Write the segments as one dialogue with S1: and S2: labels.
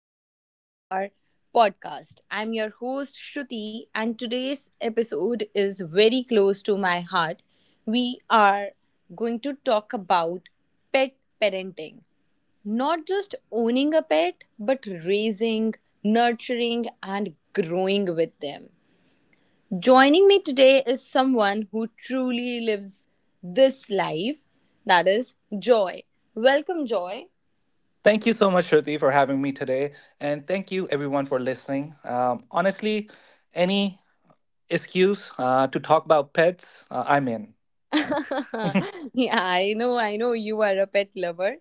S1: welcome to our podcast. I'm your host, Shruti, and today's episode is very close to my heart. We are going to talk about pet parenting. Not just owning a pet, but raising, nurturing, and growing with them. Joining me today is someone who truly lives this life, that is Joy. Welcome, Joy.
S2: Thank you so much, Shruti, for having me today. And thank you, everyone, for listening. Honestly, any excuse to talk about pets, I'm in.
S1: Yeah, I know you are a pet lover.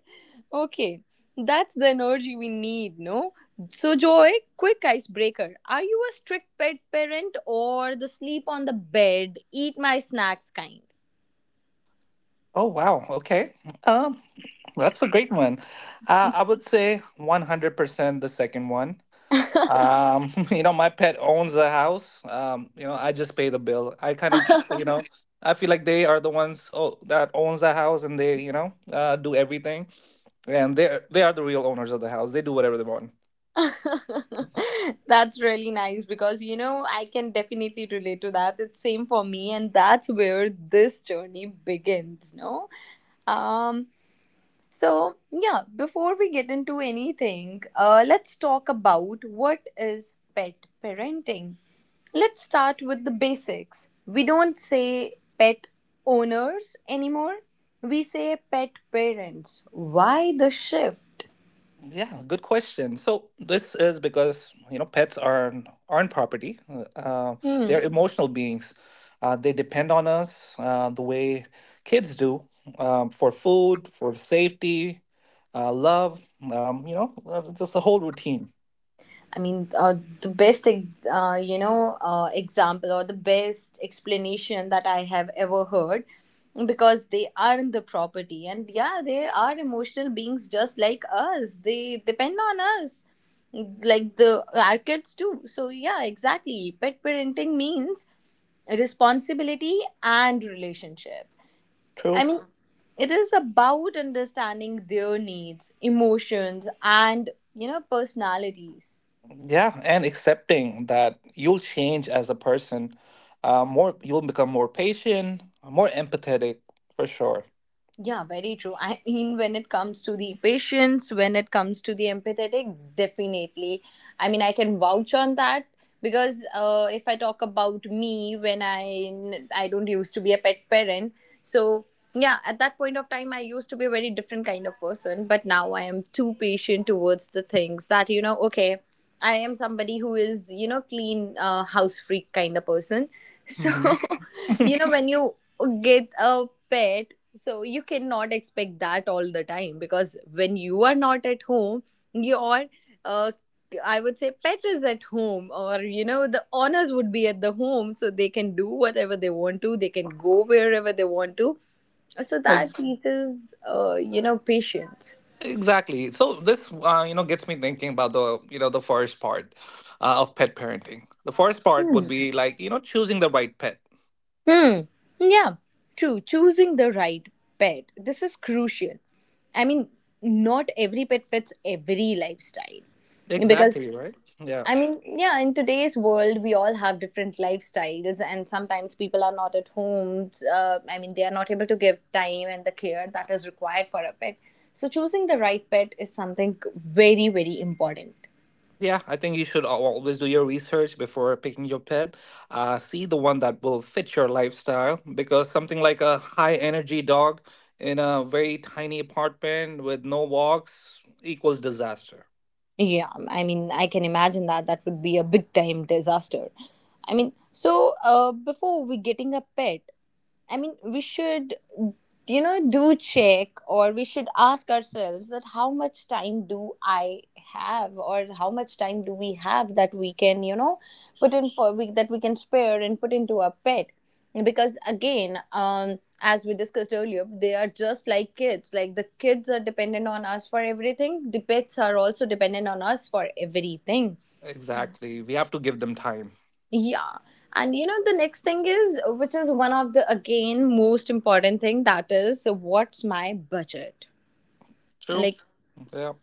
S1: Okay, that's the energy we need, no? So, Joy, quick icebreaker. Are you a strict pet parent or the sleep on the bed, eat my snacks kind?
S2: Oh, wow. Okay. Um, that's a great one. I would say 100% the second one. You know, my pet owns the house. You know, I just pay the bill. I kind of, you know, I feel like they are the ones that owns the house, and they, you know, do everything. And they are the real owners of the house. They do whatever they want.
S1: That's really nice, because, you know, I can definitely relate to that. It's same for me, and that's where this journey begins, no? um So, yeah, before we get into anything, let's talk about what is pet parenting. Let's start with the basics. We don't say pet owners anymore. We say pet parents. Why the shift?
S2: Yeah, good question. So this is because, you know, pets are aren't property. They're
S1: Hmm.
S2: emotional beings. They depend on us the way kids do, for food, for safety, love. You know, just the whole routine.
S1: I mean, the best, example or the best explanation that I have ever heard, because they are in the property, and yeah, they are emotional beings just like us. They depend on us like the our kids do. So yeah, exactly, pet parenting means responsibility and relationship.
S2: True.
S1: I mean, it is about understanding their needs, emotions, and personalities.
S2: Yeah, and accepting that you'll change as a person. More, you'll become more patient, more empathetic, for sure.
S1: Yeah, very true. I mean, when it comes to the patience, when it comes to the empathetic, definitely. I mean, I can vouch on that, because if I talk about me, when I don't used to be a pet parent, so yeah, at that point of time, I used to be a very different kind of person, but now I am too patient towards the things that you know. Okay, I am somebody who is, you know, clean, house freak kind of person. So,
S2: hmm
S1: you know, when you get a pet, so you cannot expect that all the time, because when you are not at home, your, uh, I would say, pet is at home, or you know, the owners would be at the home, so they can do whatever they want to, they can go wherever they want to. So
S2: like
S1: that teaches, you know, patience.
S2: Exactly. So this, you know, gets me thinking about the, you know, the first part of pet parenting. The first part would be like, you know, choosing the right pet.
S1: Hmm. Yeah, true. Choosing the right pet. This is crucial. I mean, not every pet fits every lifestyle. Because,
S2: Exactly, right? Yeah.
S1: I mean, yeah, in today's world, we all have different lifestyles, and sometimes people are not at home. I mean, they are not able to give time and the care that is required for a pet. So, choosing the right pet is something very, very important.
S2: Yeah, I think you should always do your research before picking your pet. See the one that will fit your lifestyle, because something like a high energy dog in a very tiny apartment with no walks equals disaster.
S1: Yeah, I mean, I can imagine that that would be a big time disaster. I mean, so before we getting a pet, I mean, we should, you know, do check, or we should ask ourselves that how much time do I have, or how much time do we have that we can, you know, put in for we, that we can spare and put into our pet. Because again, as we discussed earlier, they are just like kids. Like the kids are dependent on us for everything, the pets are also dependent on us for everything.
S2: Exactly. We have to give them time.
S1: Yeah. And you know, the next thing is, which is one of the again most important thing, that is, what's my budget?
S2: True.
S1: Like,
S2: Yeah.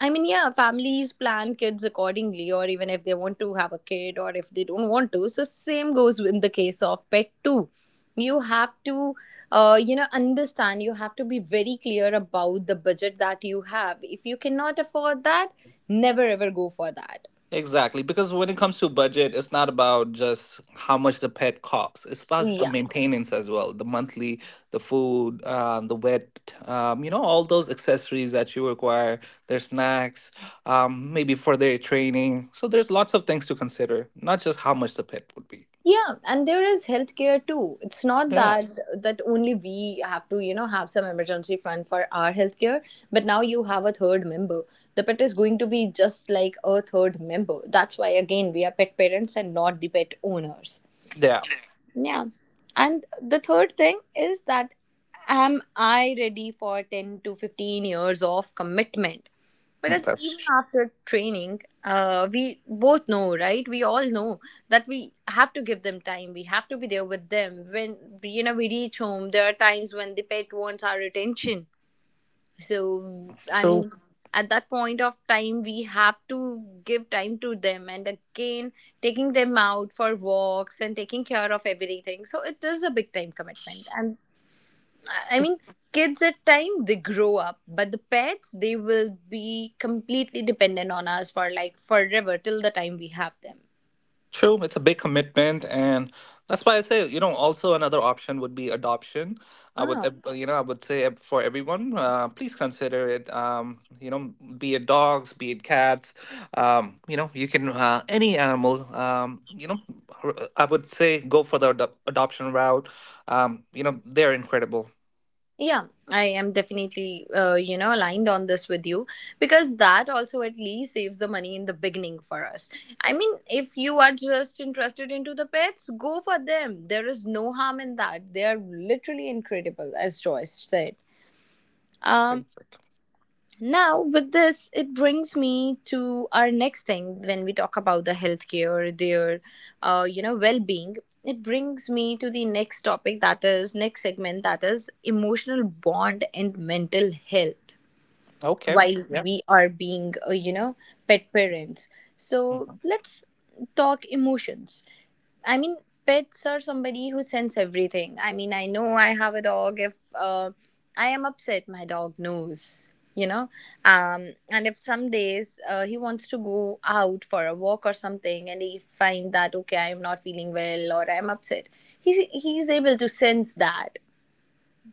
S1: I mean, yeah, families plan kids accordingly, or even if they want to have a kid or if they don't want to. So, same goes in the case of pet too. You have to, you know, understand, you have to be very clear about the budget that you have. If you cannot afford that, never ever go for that.
S2: Exactly, because when it comes to budget, it's not about just how much the pet costs. It's about the
S1: Yeah.
S2: maintenance as well, the monthly, the food, the wet, you know, all those accessories that you require, their snacks, maybe for their training. So there's lots of things to consider, not just how much the pet would be.
S1: Yeah, and there is healthcare too. It's not
S2: Yeah.
S1: that only we have to, you know, have some emergency fund for our healthcare, but now you have a third member. The pet is going to be just like a third member. That's why again we are pet parents and not the pet owners.
S2: Yeah,
S1: Yeah. And the third thing is that, am I ready for 10 to 15 years of commitment?
S2: mm,
S1: Because
S2: that's
S1: even
S2: tr-
S1: after training, we both know, right? We all know that we have to give them time. We have to be there with them. When, you know, we reach home, there are times when the pet wants our attention, so I
S2: true.
S1: mean, at that point of time, we have to give time to them, and again taking them out for walks and taking care of everything, so it is a big time commitment, and I mean, kids at time they grow up, but the pets, they will be completely dependent on us for like forever, till the time we have them.
S2: True, it's a big commitment, and that's why I say, you know, also another option would be adoption. I would,
S1: Ah.
S2: you know, I would say, for everyone, please consider it. You know, be it dogs, be it cats, you know, you can, any animal. You know, I would say go for the adoption route. You know, they're incredible.
S1: Yeah, I am definitely, you know, aligned on this with you, because that also at least saves the money in the beginning for us. I mean, if you are just interested into the pets, go for them. There is no harm in that. They are literally incredible, as Joyce said. Um,
S2: Exactly.
S1: now, with this, it brings me to our next thing when we talk about the healthcare, their, you know, well-being. It brings me to the next topic, that is next segment, that is emotional bond and mental health.
S2: Okay.
S1: While
S2: Yeah.
S1: we are being, you know, pet parents, so let's talk emotions. I mean, pets are somebody who sense everything. I mean, I know I have a dog. If I am upset, my dog knows, you know. And if some days he wants to go out for a walk or something, and he find that, okay, I am not feeling well or I am upset, he's able to sense that.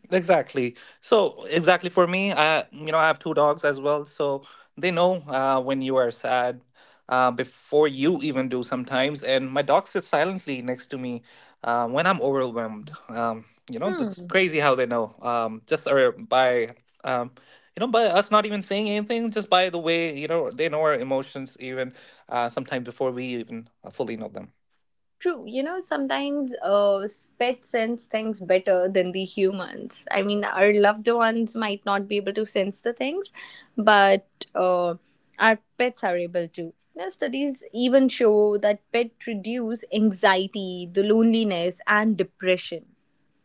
S2: Exactly. So exactly for me, I, you know, I have two dogs as well, so they know when you are sad before you even do sometimes. And my dog sits silently next to me when I'm overwhelmed. You know, it's
S1: Hmm.
S2: crazy how they know. Just or by um, you know, by us not even saying anything, just by the way, you know, they know our emotions even sometimes before we even fully know them.
S1: True, you know, sometimes pets sense things better than the humans. I mean, our loved ones might not be able to sense the things, but uh, our pets are able to. You know, studies even show that pets reduce anxiety, the loneliness, and depression.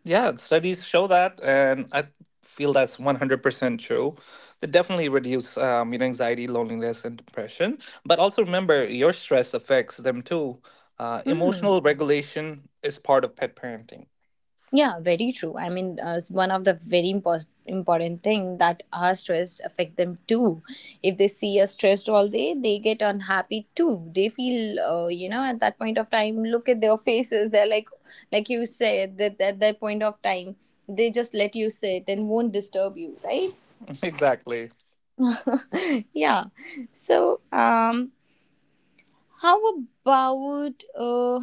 S2: Yeah, studies show that, and I feel that's 100% true. They definitely reduce, you know, anxiety, loneliness, and depression. But also remember, your stress affects them too.
S1: Hmm.
S2: Emotional regulation is part of pet parenting.
S1: Yeah, very true. I mean, it's one of the very important thing that our stress affect them too. If they see us stressed all day, they get unhappy too. They feel, you know, at that point of time, look at their faces. They're like you said, that at that point of time, they just let you sit and won't disturb you, right?
S2: Exactly.
S1: Yeah. So, how about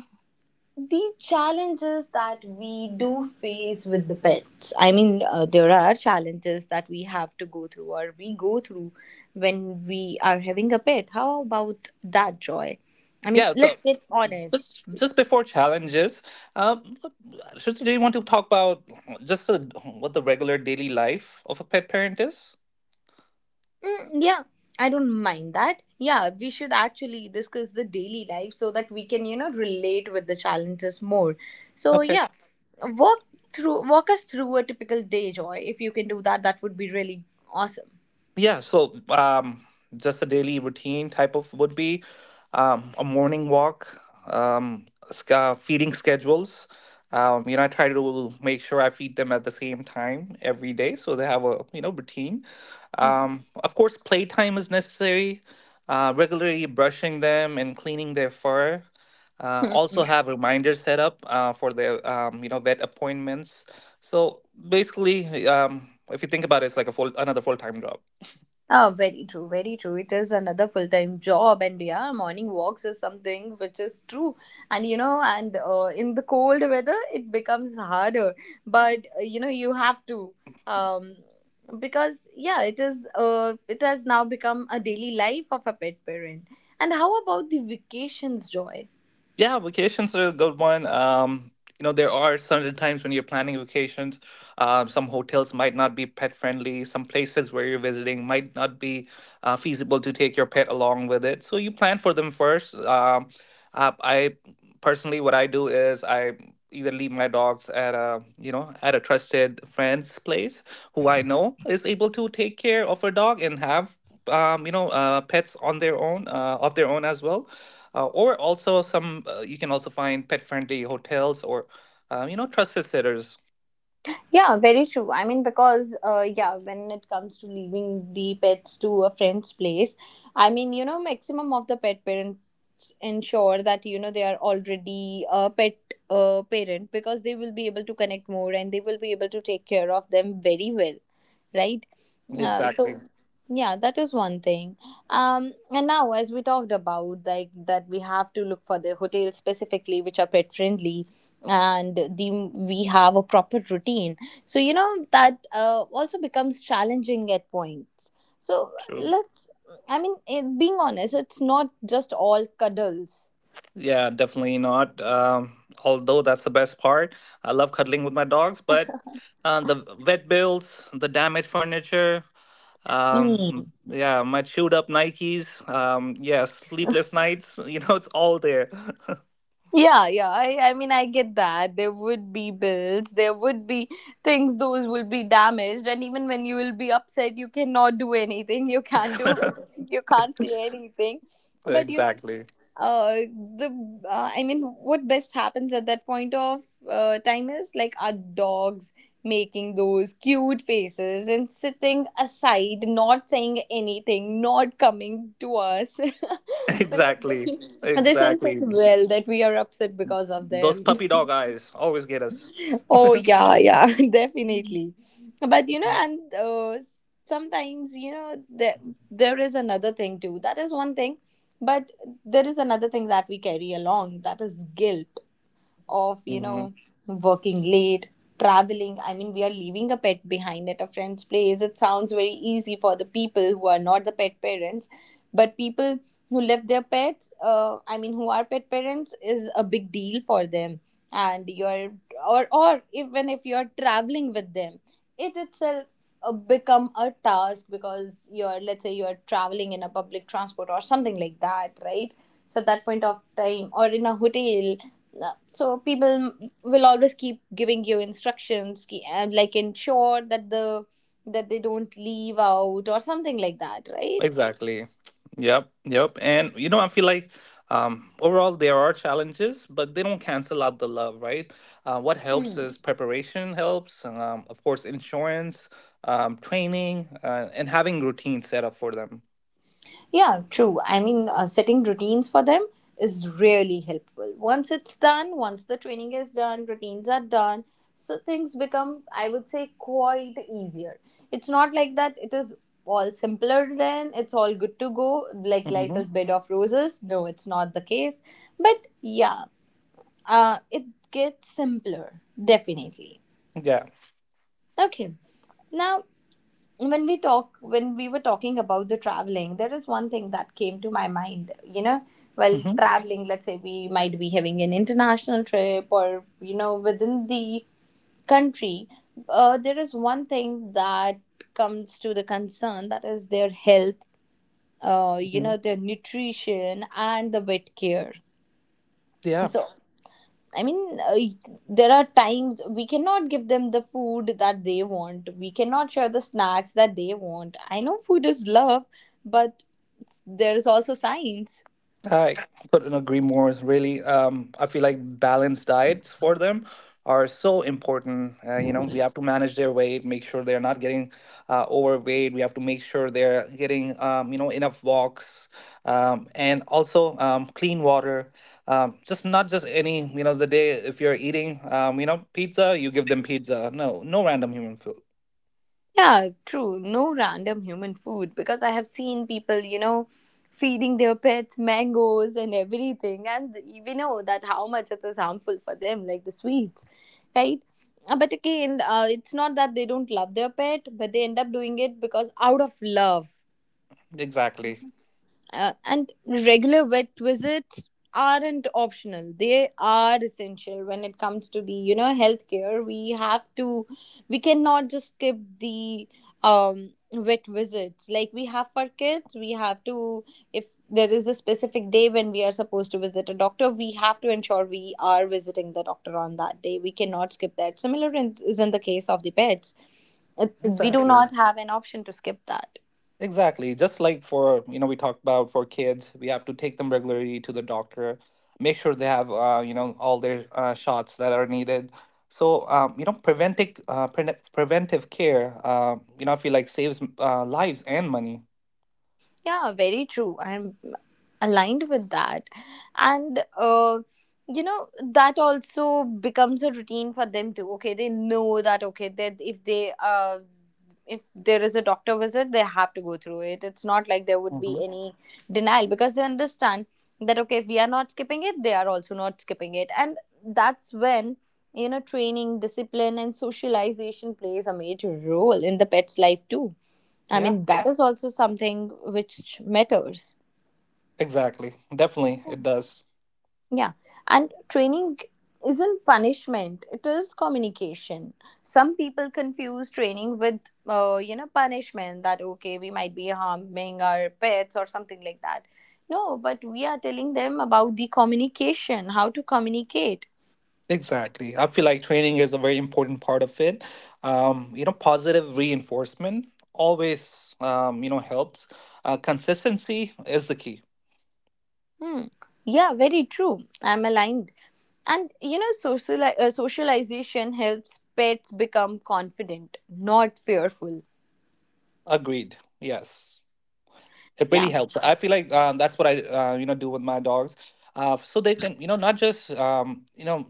S1: the challenges that we do face with the pets? I mean, there are challenges that we have to go through, or we go through when we are having a pet. How about that, Joy? I mean,
S2: Yeah, so
S1: let's get honest.
S2: just before challenges, um, Shruti, do you want to talk about just the, what the regular daily life of a pet parent is?
S1: Mm, yeah, I don't mind that. Yeah, we should actually discuss the daily life so that we can, you know, relate with the challenges more. So
S2: Okay.
S1: yeah, walk walk us through a typical day, Joy. If you can do that, that would be really awesome.
S2: Yeah, so just a daily routine type of would be a morning walk, um, feeding schedules. You know, I try to make sure I feed them at the same time every day, so they have a, you know, routine. Of course, playtime is necessary. Regularly brushing them and cleaning their fur. Also have reminders set up for their, you know, vet appointments. So basically, if you think about it, it's like a full another full time job.
S1: Oh, very true, very true. It is another full time job, and yeah, morning walks is something which is true. And you know, and in the cold weather, it becomes harder, but you know, you have to. Um, because yeah, it is. It has now become a daily life of a pet parent. And how about the vacations, Joy?
S2: Yeah, vacations are a good one. You know, there are certain times when you're planning vacations. Some hotels might not be pet friendly. Some places where you're visiting might not be feasible to take your pet along with it. So you plan for them first. I personally, what I do is I either leave my dogs at a, you know, at a trusted friend's place who I know is able to take care of a dog and have, you know, pets on their own, of their own as well, or also some, you can also find pet friendly hotels or, you know, trust is errors.
S1: Yeah, very true. I mean, because, yeah, when it comes to leaving the pets to a friend's place, I mean, you know, maximum of the pet parents ensure that, you know, they are already a pet parent, because they will be able to connect more and they will be able to take care of them very well, right? So,
S2: Exactly.
S1: yeah, that is one thing. And now, as we talked about, like, that we have to look for the hotels specifically which are pet friendly, and the we have a proper routine, so you know that also becomes challenging at points. So
S2: True.
S1: I mean, it, being honest, it's not just all cuddles.
S2: Yeah, definitely not. Although that's the best part. I love cuddling with my dogs, but the vet bills, the damaged furniture,
S1: Mm.
S2: yeah, my chewed up Nikes, yeah, sleepless nights, you know, it's all there.
S1: Yeah, yeah. I mean, I get that. There would be bills, there would be things, those will be damaged. And even when you will be upset, you cannot do anything. You can't do, you can't say anything. But you
S2: Exactly.
S1: the I mean, what best happens at that point of time is, like, our dogs making those cute faces and sitting aside, not saying anything, not coming to us because
S2: Exactly.
S1: they sense it
S2: Exactly.
S1: well that we are upset because of
S2: Those
S1: them.
S2: puppy dog eyes always get us.
S1: Oh yeah, yeah, definitely. But you know, and sometimes, there is another thing too. That is one thing, but there is another thing that we carry along. That is guilt of
S2: Mhm.
S1: working late, traveling. I mean, we are leaving a pet behind at a friend's place. It sounds very easy for the people who are not the pet parents, but people who left their pets, I mean who are pet parents, is a big deal for them. And you're, or even if you're traveling with them, it itself become a task because you're, let's say you're traveling in a public transport or something like that, right? So at that point of time, or in a hotel, so people will always keep giving you instructions and like ensure that the that they don't leave out or something like that, right?
S2: Exactly. Yep. Yep. And you know, I feel like, overall there are challenges, but they don't cancel out the love, right? What helps is preparation helps, of course, insurance, training, and having routine set up for them.
S1: Yeah, true. I mean, setting routines for them is really helpful. Once it's done, once the training is done, routines are done, so things become, I would say, quite easier. It's not like that it is all simpler then, it's all good to go, like life
S2: Hmm
S1: is bed of roses. No, it's not the case. But yeah, it gets simpler, definitely.
S2: Yeah.
S1: Okay, now when we were talking about the traveling, there is one thing that came to my mind. You know, while
S2: hmm
S1: traveling, let's say we might be having an international trip or you know within the country, there is one thing that comes to the concern. That is their health, you
S2: hmm
S1: know, their nutrition and the vet care.
S2: Yeah.
S1: So I mean, there are times we cannot give them the food that they want. We cannot share the snacks that they want. I know food is love, but there is also science.
S2: I couldn't agree more. Really, I feel like balanced diets for them are so important. You know, we have to manage their weight, make sure they're not getting overweight. We have to make sure they're getting, you know, enough walks, and also, clean water. Just not just any, you know, the day if you're eating, you know, pizza, you give them pizza. No, no random human food.
S1: Yeah, true. No random human food, because I have seen people, you know, feeding their pets mangoes and everything, and we know that how much it is harmful for them, like the sweets, right? But again, it's not that they don't love their pet, but they end up doing it because out of love.
S2: Exactly.
S1: Uh, and regular vet visits aren't optional, they are essential. When it comes to the, you know, healthcare, we have to, we cannot just skip the vet visits. Like we have for kids, we have to, if there is a specific day when we are supposed to visit a doctor, we have to ensure we are visiting the doctor on that day. We cannot skip that. Similar is in the case of the pets. It- we do
S2: Exactly.
S1: not have an option to skip that.
S2: Exactly. Just like for, you know, we talked about for kids, we have to take them regularly to the doctor, make sure they have, you know, all their shots that are needed. So, you know, preventive, preventive care, you know, I feel like saves lives and money.
S1: Yeah, very true. I'm aligned with that. And, you know, that also becomes a routine for them too. Okay, they know that, okay, that if they, if there is a doctor visit, they have to go through it. It's not like there would
S2: Hmm.
S1: be any denial, because they understand that, okay, if we are not skipping it, they are also not skipping it. And that's when, you know, training, discipline, and socialization plays a major role in the pet's life too. I
S2: Yeah,
S1: mean, that is also something which matters.
S2: exactly. Definitely, it does.
S1: Yeah. And training isn't punishment, it is communication. Some people confuse training with, you know, punishment, that, okay, we might be harming our pets or something like that. No, but we are telling them about the communication, how to communicate.
S2: Exactly. I feel like training is a very important part of it. You know, positive reinforcement always, you know, helps. Consistency is the key.
S1: Hmm. Yeah, very true. I'm aligned. And, you know, socialization helps pets become confident, not fearful.
S2: Agreed. Yes. It really
S1: Yeah.
S2: helps. I feel like, that's what I, you know, do with my dogs, so they can, you know, not just, you know,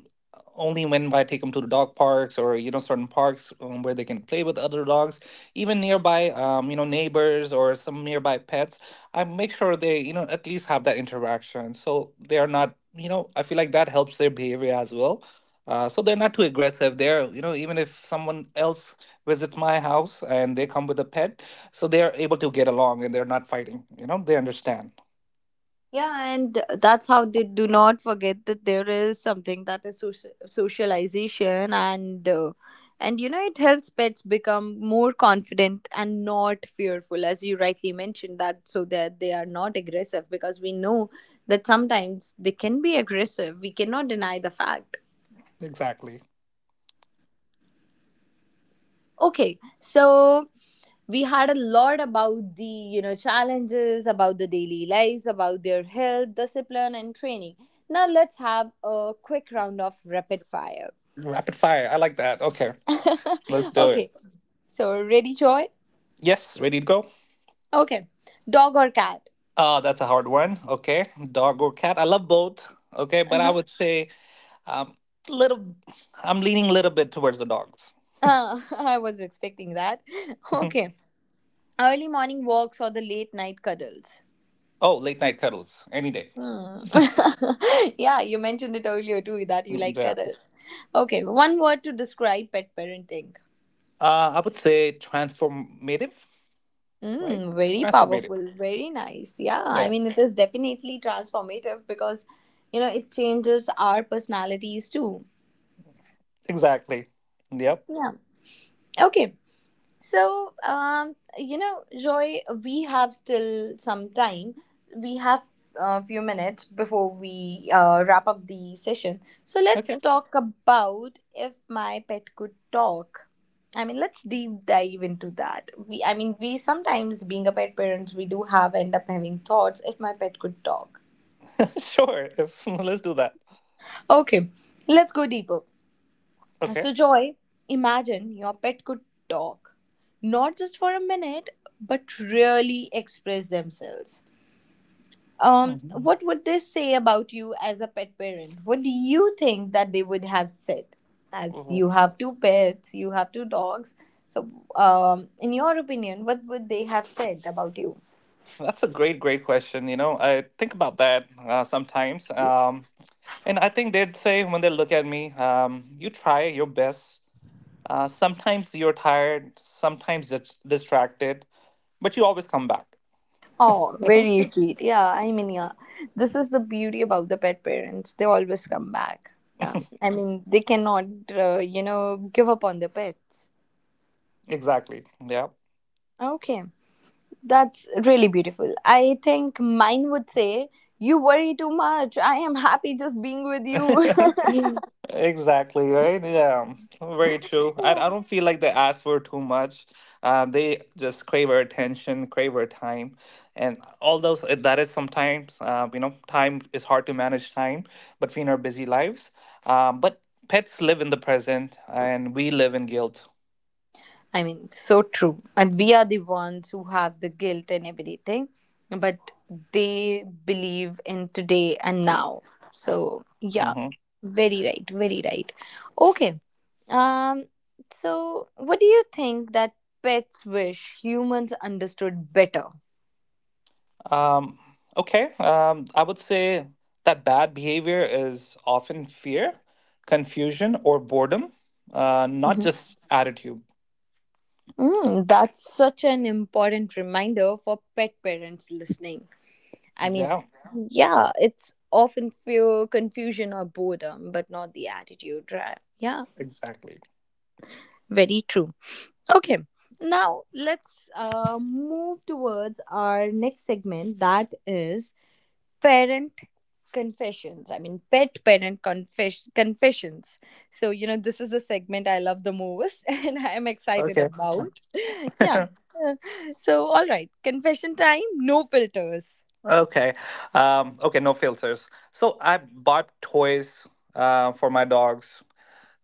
S2: only when I take them to the dog parks or, you know, certain parks where they can play with other dogs, even nearby, you know, neighbors or some nearby pets. I make sure they, you know, at least have that interaction, so they are not, you know, I feel like that helps their behavior as well, so they're not too aggressive. They're, you know, even if someone else visits my house and they come with a pet, so they are able to get along and they're not fighting. You know, they understand.
S1: Yeah, and that's how they do not forget that there is something that is socialization, and you know it helps pets become more confident and not fearful, as you rightly mentioned that, so that they are not aggressive, because we know that sometimes they can be aggressive. We cannot deny the fact.
S2: Exactly.
S1: Okay, so we had a lot about the, you know, challenges, about the daily lives, about their health, discipline and training. Now let's have a quick round of rapid fire.
S2: Rapid fire, I like that. Okay, let's do it.
S1: Okay, so ready, Joy?
S2: Yes, ready to go.
S1: Okay, dog or cat?
S2: That's a hard one. Okay, dog or cat. I love both. Okay, but I
S1: Uh-huh.
S2: would say, um little I'm leaning a little bit towards the dogs.
S1: uh, I was expecting that. Okay, early morning walks or the late night cuddles?
S2: Oh, late night cuddles any day.
S1: Hmm. Yeah, you mentioned it earlier too that you
S2: Mm,
S1: like
S2: yeah.
S1: cuddles. Okay, one word to describe pet parenting.
S2: I would say transformative, right?
S1: Mm, very
S2: Transformative.
S1: powerful, very nice. Yeah, I
S2: Yeah,
S1: mean, it is definitely transformative because, you know, it changes our personalities too.
S2: exactly. Yep.
S1: Yeah. Okay. So, you know, Joy, we have still some time. We have a few minutes before we wrap up the session. So, let's
S2: Okay.
S1: talk about if my pet could talk. I mean, let's deep dive into that. We, I mean, we sometimes, being a pet parents, we do have end up having thoughts if my pet could talk.
S2: Sure. If, let's do that.
S1: Okay, let's go deeper.
S2: Okay.
S1: So, Joy, imagine your pet could talk, not just for a minute, but really express themselves.
S2: Mhm.
S1: What would they say about you as a pet parent? What do you think that they would have said? As
S2: Well,
S1: you have two pets, you have two dogs. So, in your opinion, what would they have said about you?
S2: that's a great, great question. You know, I think about that sometimes. And I think they'd say when they look at me, you try your best. Sometimes you're tired, sometimes it's distracted, but you always come back.
S1: Oh, very sweet. Yeah, I mean, yeah, this is the beauty about the pet parents. They always come back. Yeah, I mean, they cannot, you know, give up on their pets.
S2: Exactly. Yeah.
S1: Okay, that's really beautiful. I think mine would say, you worry too much. I am happy just being with you.
S2: Exactly, right? Yeah, very true. I don't feel like they ask for too much. They just crave our attention, crave our time. And although that is sometimes, you know, time is hard to manage time between our busy lives. But pets live in the present and we live in guilt.
S1: I mean, so true. And we are the ones who have the guilt and everything, but they believe in today and now. So, yeah,
S2: Mm-hmm.
S1: very right, very right. Okay. Um so what do you think that pets wish humans understood better?
S2: Um, okay. I would say that bad behavior is often fear, confusion, or boredom, not
S1: Mhm.
S2: just attitude.
S1: Mm, that's such an important reminder for pet parents listening. I mean,
S2: Yeah,
S1: yeah, it's often fear, confusion, or boredom, but not the attitude, right? Yeah,
S2: exactly.
S1: very true. Okay, now let's move towards our next segment, that is parent confessions. I mean, pet parent confessions. So, you know, this is the segment I love the most and I am excited
S2: Okay.
S1: about. Yeah. Uh, so, all right, confession time, no filters.
S2: Okay. Okay, no filters. So I bought toys for my dogs.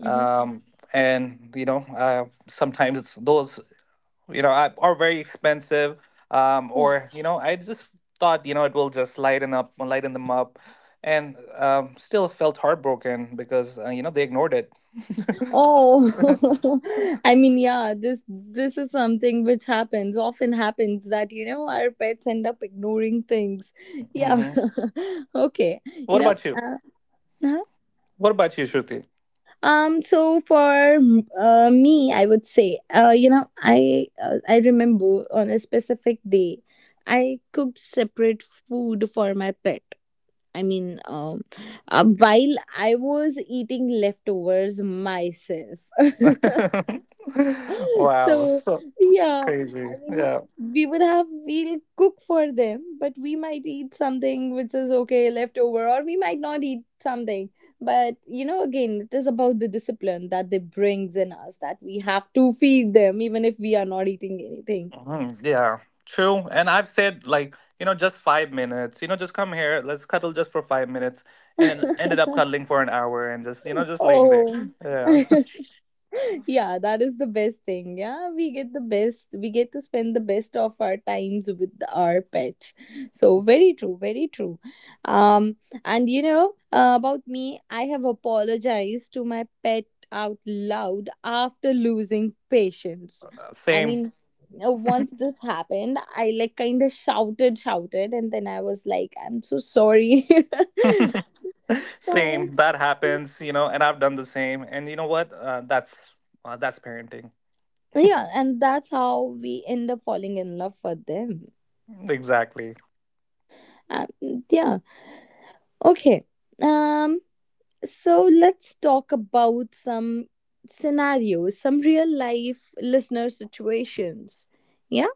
S1: Mm-hmm.
S2: Um, and you know, sometimes it's those, you know, are very expensive. Or you know, I just thought, you know, it will just lighten them up, and still felt heartbroken because, you know, they ignored it.
S1: Oh, I mean, yeah, this is something which happens often happens that you know our pets end up ignoring things. Yeah,
S2: Hmm.
S1: okay, you
S2: What
S1: know,
S2: about you?
S1: huh?
S2: What about you, Shruti?
S1: So for me, I would say, you know, I remember on a specific day, I cooked separate food for my pet. I mean, while I was eating leftovers myself.
S2: Wow,
S1: So,
S2: so
S1: yeah, I
S2: crazy.
S1: mean,
S2: Yeah.
S1: we would have, we'll cook for them, but we might eat something which is okay, leftover, or we might not eat something. But, you know, again, it is about the discipline that they brings in us that we have to feed them even if we are not eating anything.
S2: Mhm, yeah, true. And I've said like, you know, just 5 minutes. You know, just come here. Let's cuddle just for 5 minutes, and then ended up cuddling for an hour, and just, you know, just laying there.
S1: Oh.
S2: Yeah.
S1: Yeah, that is the best thing. Yeah, we get the best, we get to spend the best of our times with our pets. So very true, very true. um and you know, about me, I have apologized to my pet out loud after losing patience. I
S2: Same.
S1: mean, once this happened, I like kind of shouted, and then I was like, I'm so sorry. Yeah.
S2: Same, that happens, you know, and I've done the same. And you know what? That's parenting.
S1: Yeah, and that's how we end up falling in love for them.
S2: Exactly.
S1: And mm, yeah, okay. Um, so let's talk about some scenarios, some real life listener situations. Yeah,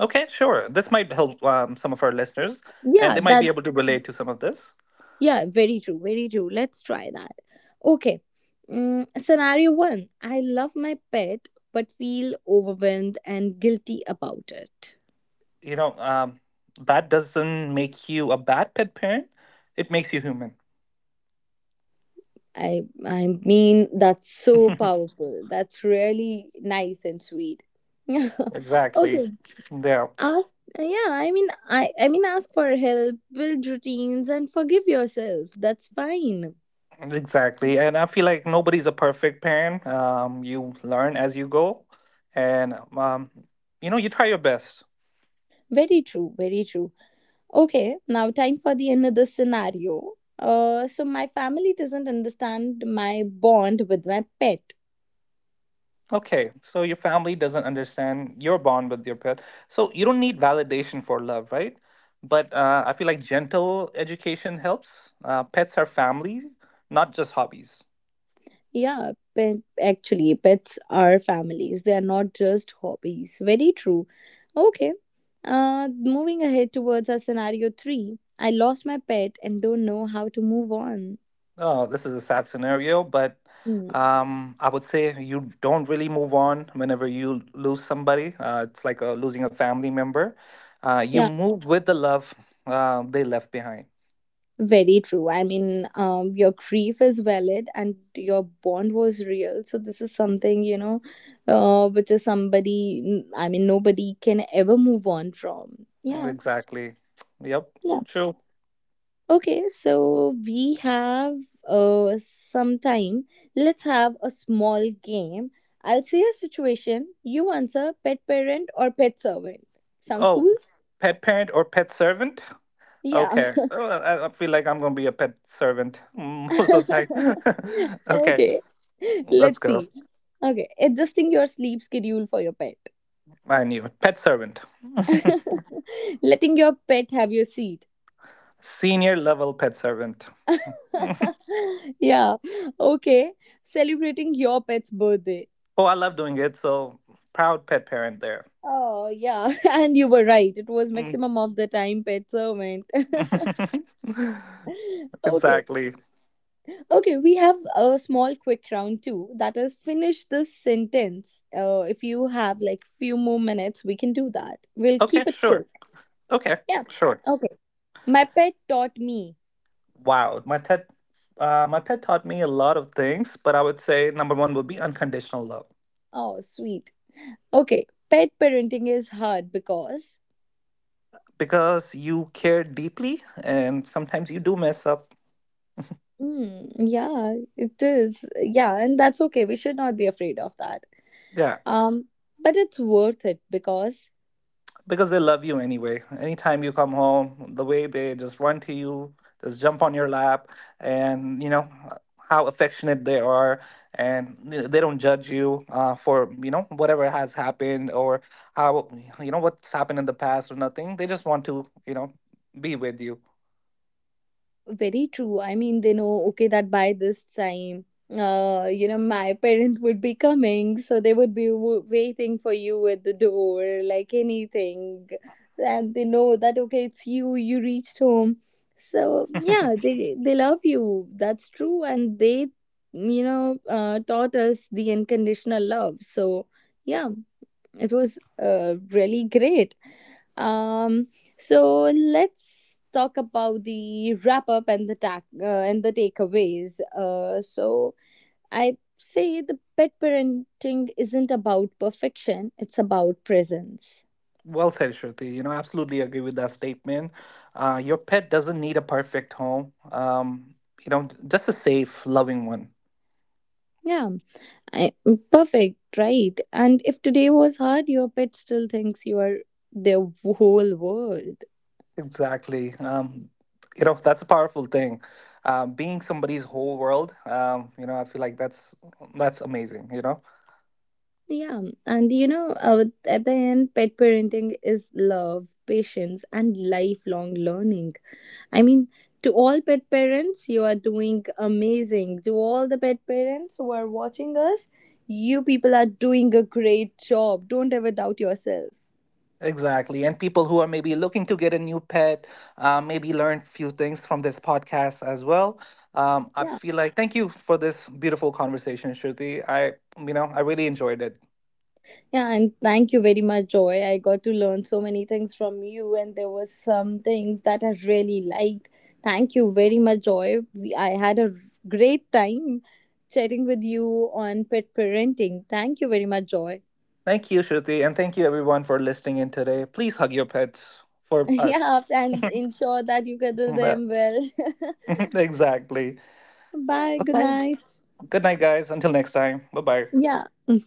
S2: Okay, sure. This might help, some of our listeners, and
S1: yeah,
S2: they might be
S1: that,
S2: able to relate to some of this.
S1: yeah, very true, very true. Let's try that. Okay. Mm, scenario one, I love my pet, but feel overwhelmed and guilty about it.
S2: You know, that doesn't make you a bad pet parent. It makes you human.
S1: I mean that's so powerful. That's really nice and sweet. Yeah.
S2: Exactly.
S1: Okay.
S2: Yeah,
S1: Ask, yeah, I mean, I mean ask for help, build routines and forgive yourself. That's fine.
S2: exactly. And I feel like nobody's a perfect parent. You learn as you go, and, you know, you try your best.
S1: Very true, very true. Okay, now time for the another scenario. So my family doesn't understand my bond with my pet.
S2: Okay, so your family doesn't understand your bond with your pet. So you don't need validation for love, right? But I feel like gentle education helps. Pets are family, not just hobbies.
S1: Yeah, pet, actually, pets are families. They are not just hobbies. Very true. Okay. Moving ahead towards our scenario three. I lost my pet and don't know how to move on.
S2: Oh, this is a sad scenario, but
S1: Hmm.
S2: I would say you don't really move on whenever you lose somebody. It's like, losing a family member. You
S1: Yeah,
S2: move with the love they left behind.
S1: very true. I mean, your grief is valid and your bond was real. So this is something, you know, which is somebody. I mean, nobody can ever move on from.
S2: Mm,
S1: Yeah.
S2: exactly. Yep. True.
S1: Okay, so we have some time. Let's have a small game. I'll say a situation, you answer pet parent or pet servant. Sounds
S2: Oh,
S1: cool?
S2: pet parent or pet servant?
S1: Yeah.
S2: Okay. Oh, I feel like I'm gonna be a pet servant most of the time. Okay,
S1: Okay.
S2: let's
S1: Let's
S2: go.
S1: see. Okay, adjusting your sleep schedule for your pet.
S2: I knew it. Pet servant.
S1: Letting your pet have your seat.
S2: Senior level pet servant.
S1: Yeah. Okay. Celebrating your pet's birthday.
S2: Oh, I love doing it. So proud pet parent there.
S1: Oh, yeah, and you were right. It was
S2: Mm.
S1: maximum of the time pet servant. Okay,
S2: Exactly.
S1: okay, we have a small quick round too. That is finish this sentence. If you have like few more minutes, we can do that. We'll
S2: Okay,
S1: keep it
S2: sure.
S1: quick.
S2: Okay,
S1: Yeah.
S2: sure.
S1: Okay. My pet taught me.
S2: Wow, my pet taught me a lot of things, but I would say number one would be unconditional love,
S1: Oh, sweet. Okay. Pet parenting is hard because.
S2: because you care deeply, and sometimes you do mess up.
S1: Mm, yeah, it is. Yeah, and that's okay. We should not be afraid of that.
S2: Yeah.
S1: Um, but it's worth it because,
S2: Because they love you anyway. Anytime you come home, the way they just run to you, just jump on your lap, and you know, how affectionate they are, and you know, they don't judge you for, you know, whatever has happened, or how, you know, what's happened in the past, or nothing. They just want to, you know, be with you.
S1: very true. I mean, they know, okay, that by this time, you know, my parent would be coming, so they would be waiting for you at the door, like anything. And they know that, okay, it's you, you reached home. So, yeah, they love you. That's true. And they, you know, taught us the unconditional love. So, yeah, it was really great. Um, so let's talk about the wrap up and the tack and the takeaways. So I say the pet parenting isn't about perfection; it's about presence.
S2: Well said, Shruti. You know, absolutely agree with that statement. Your pet doesn't need a perfect home. You know, just a safe, loving one.
S1: Yeah, I, perfect, right? And if today was hard, your pet still thinks you are their whole world.
S2: Exactly. You know, that's a powerful thing. Being somebody's whole world, you know, I feel like that's amazing, you know?
S1: Yeah, and you know, at the end, pet parenting is love, patience, and lifelong learning. I mean, to all pet parents, you are doing amazing. To all the pet parents who are watching us, you people are doing a great job. Don't ever doubt yourself.
S2: Exactly. And people who are maybe looking to get a new pet, maybe learn few things from this podcast as well. I
S1: Yeah.
S2: feel like thank you for this beautiful conversation, Shruti. I, you know, I really enjoyed it.
S1: Yeah, and thank you very much, Joy. I got to learn so many things from you, and there were some things that I really liked. Thank you very much, Joy. We, I had a great time chatting with you on pet parenting. Thank you very much, Joy.
S2: Thank you, Shruti, and thank you everyone for listening in today. Please hug your pets for us.
S1: Yeah, and ensure that you cuddle
S2: Well,
S1: them well.
S2: exactly.
S1: Bye, good
S2: Okay.
S1: night.
S2: Good night, guys. Until next time. Bye bye.
S1: Yeah. Mm-hmm.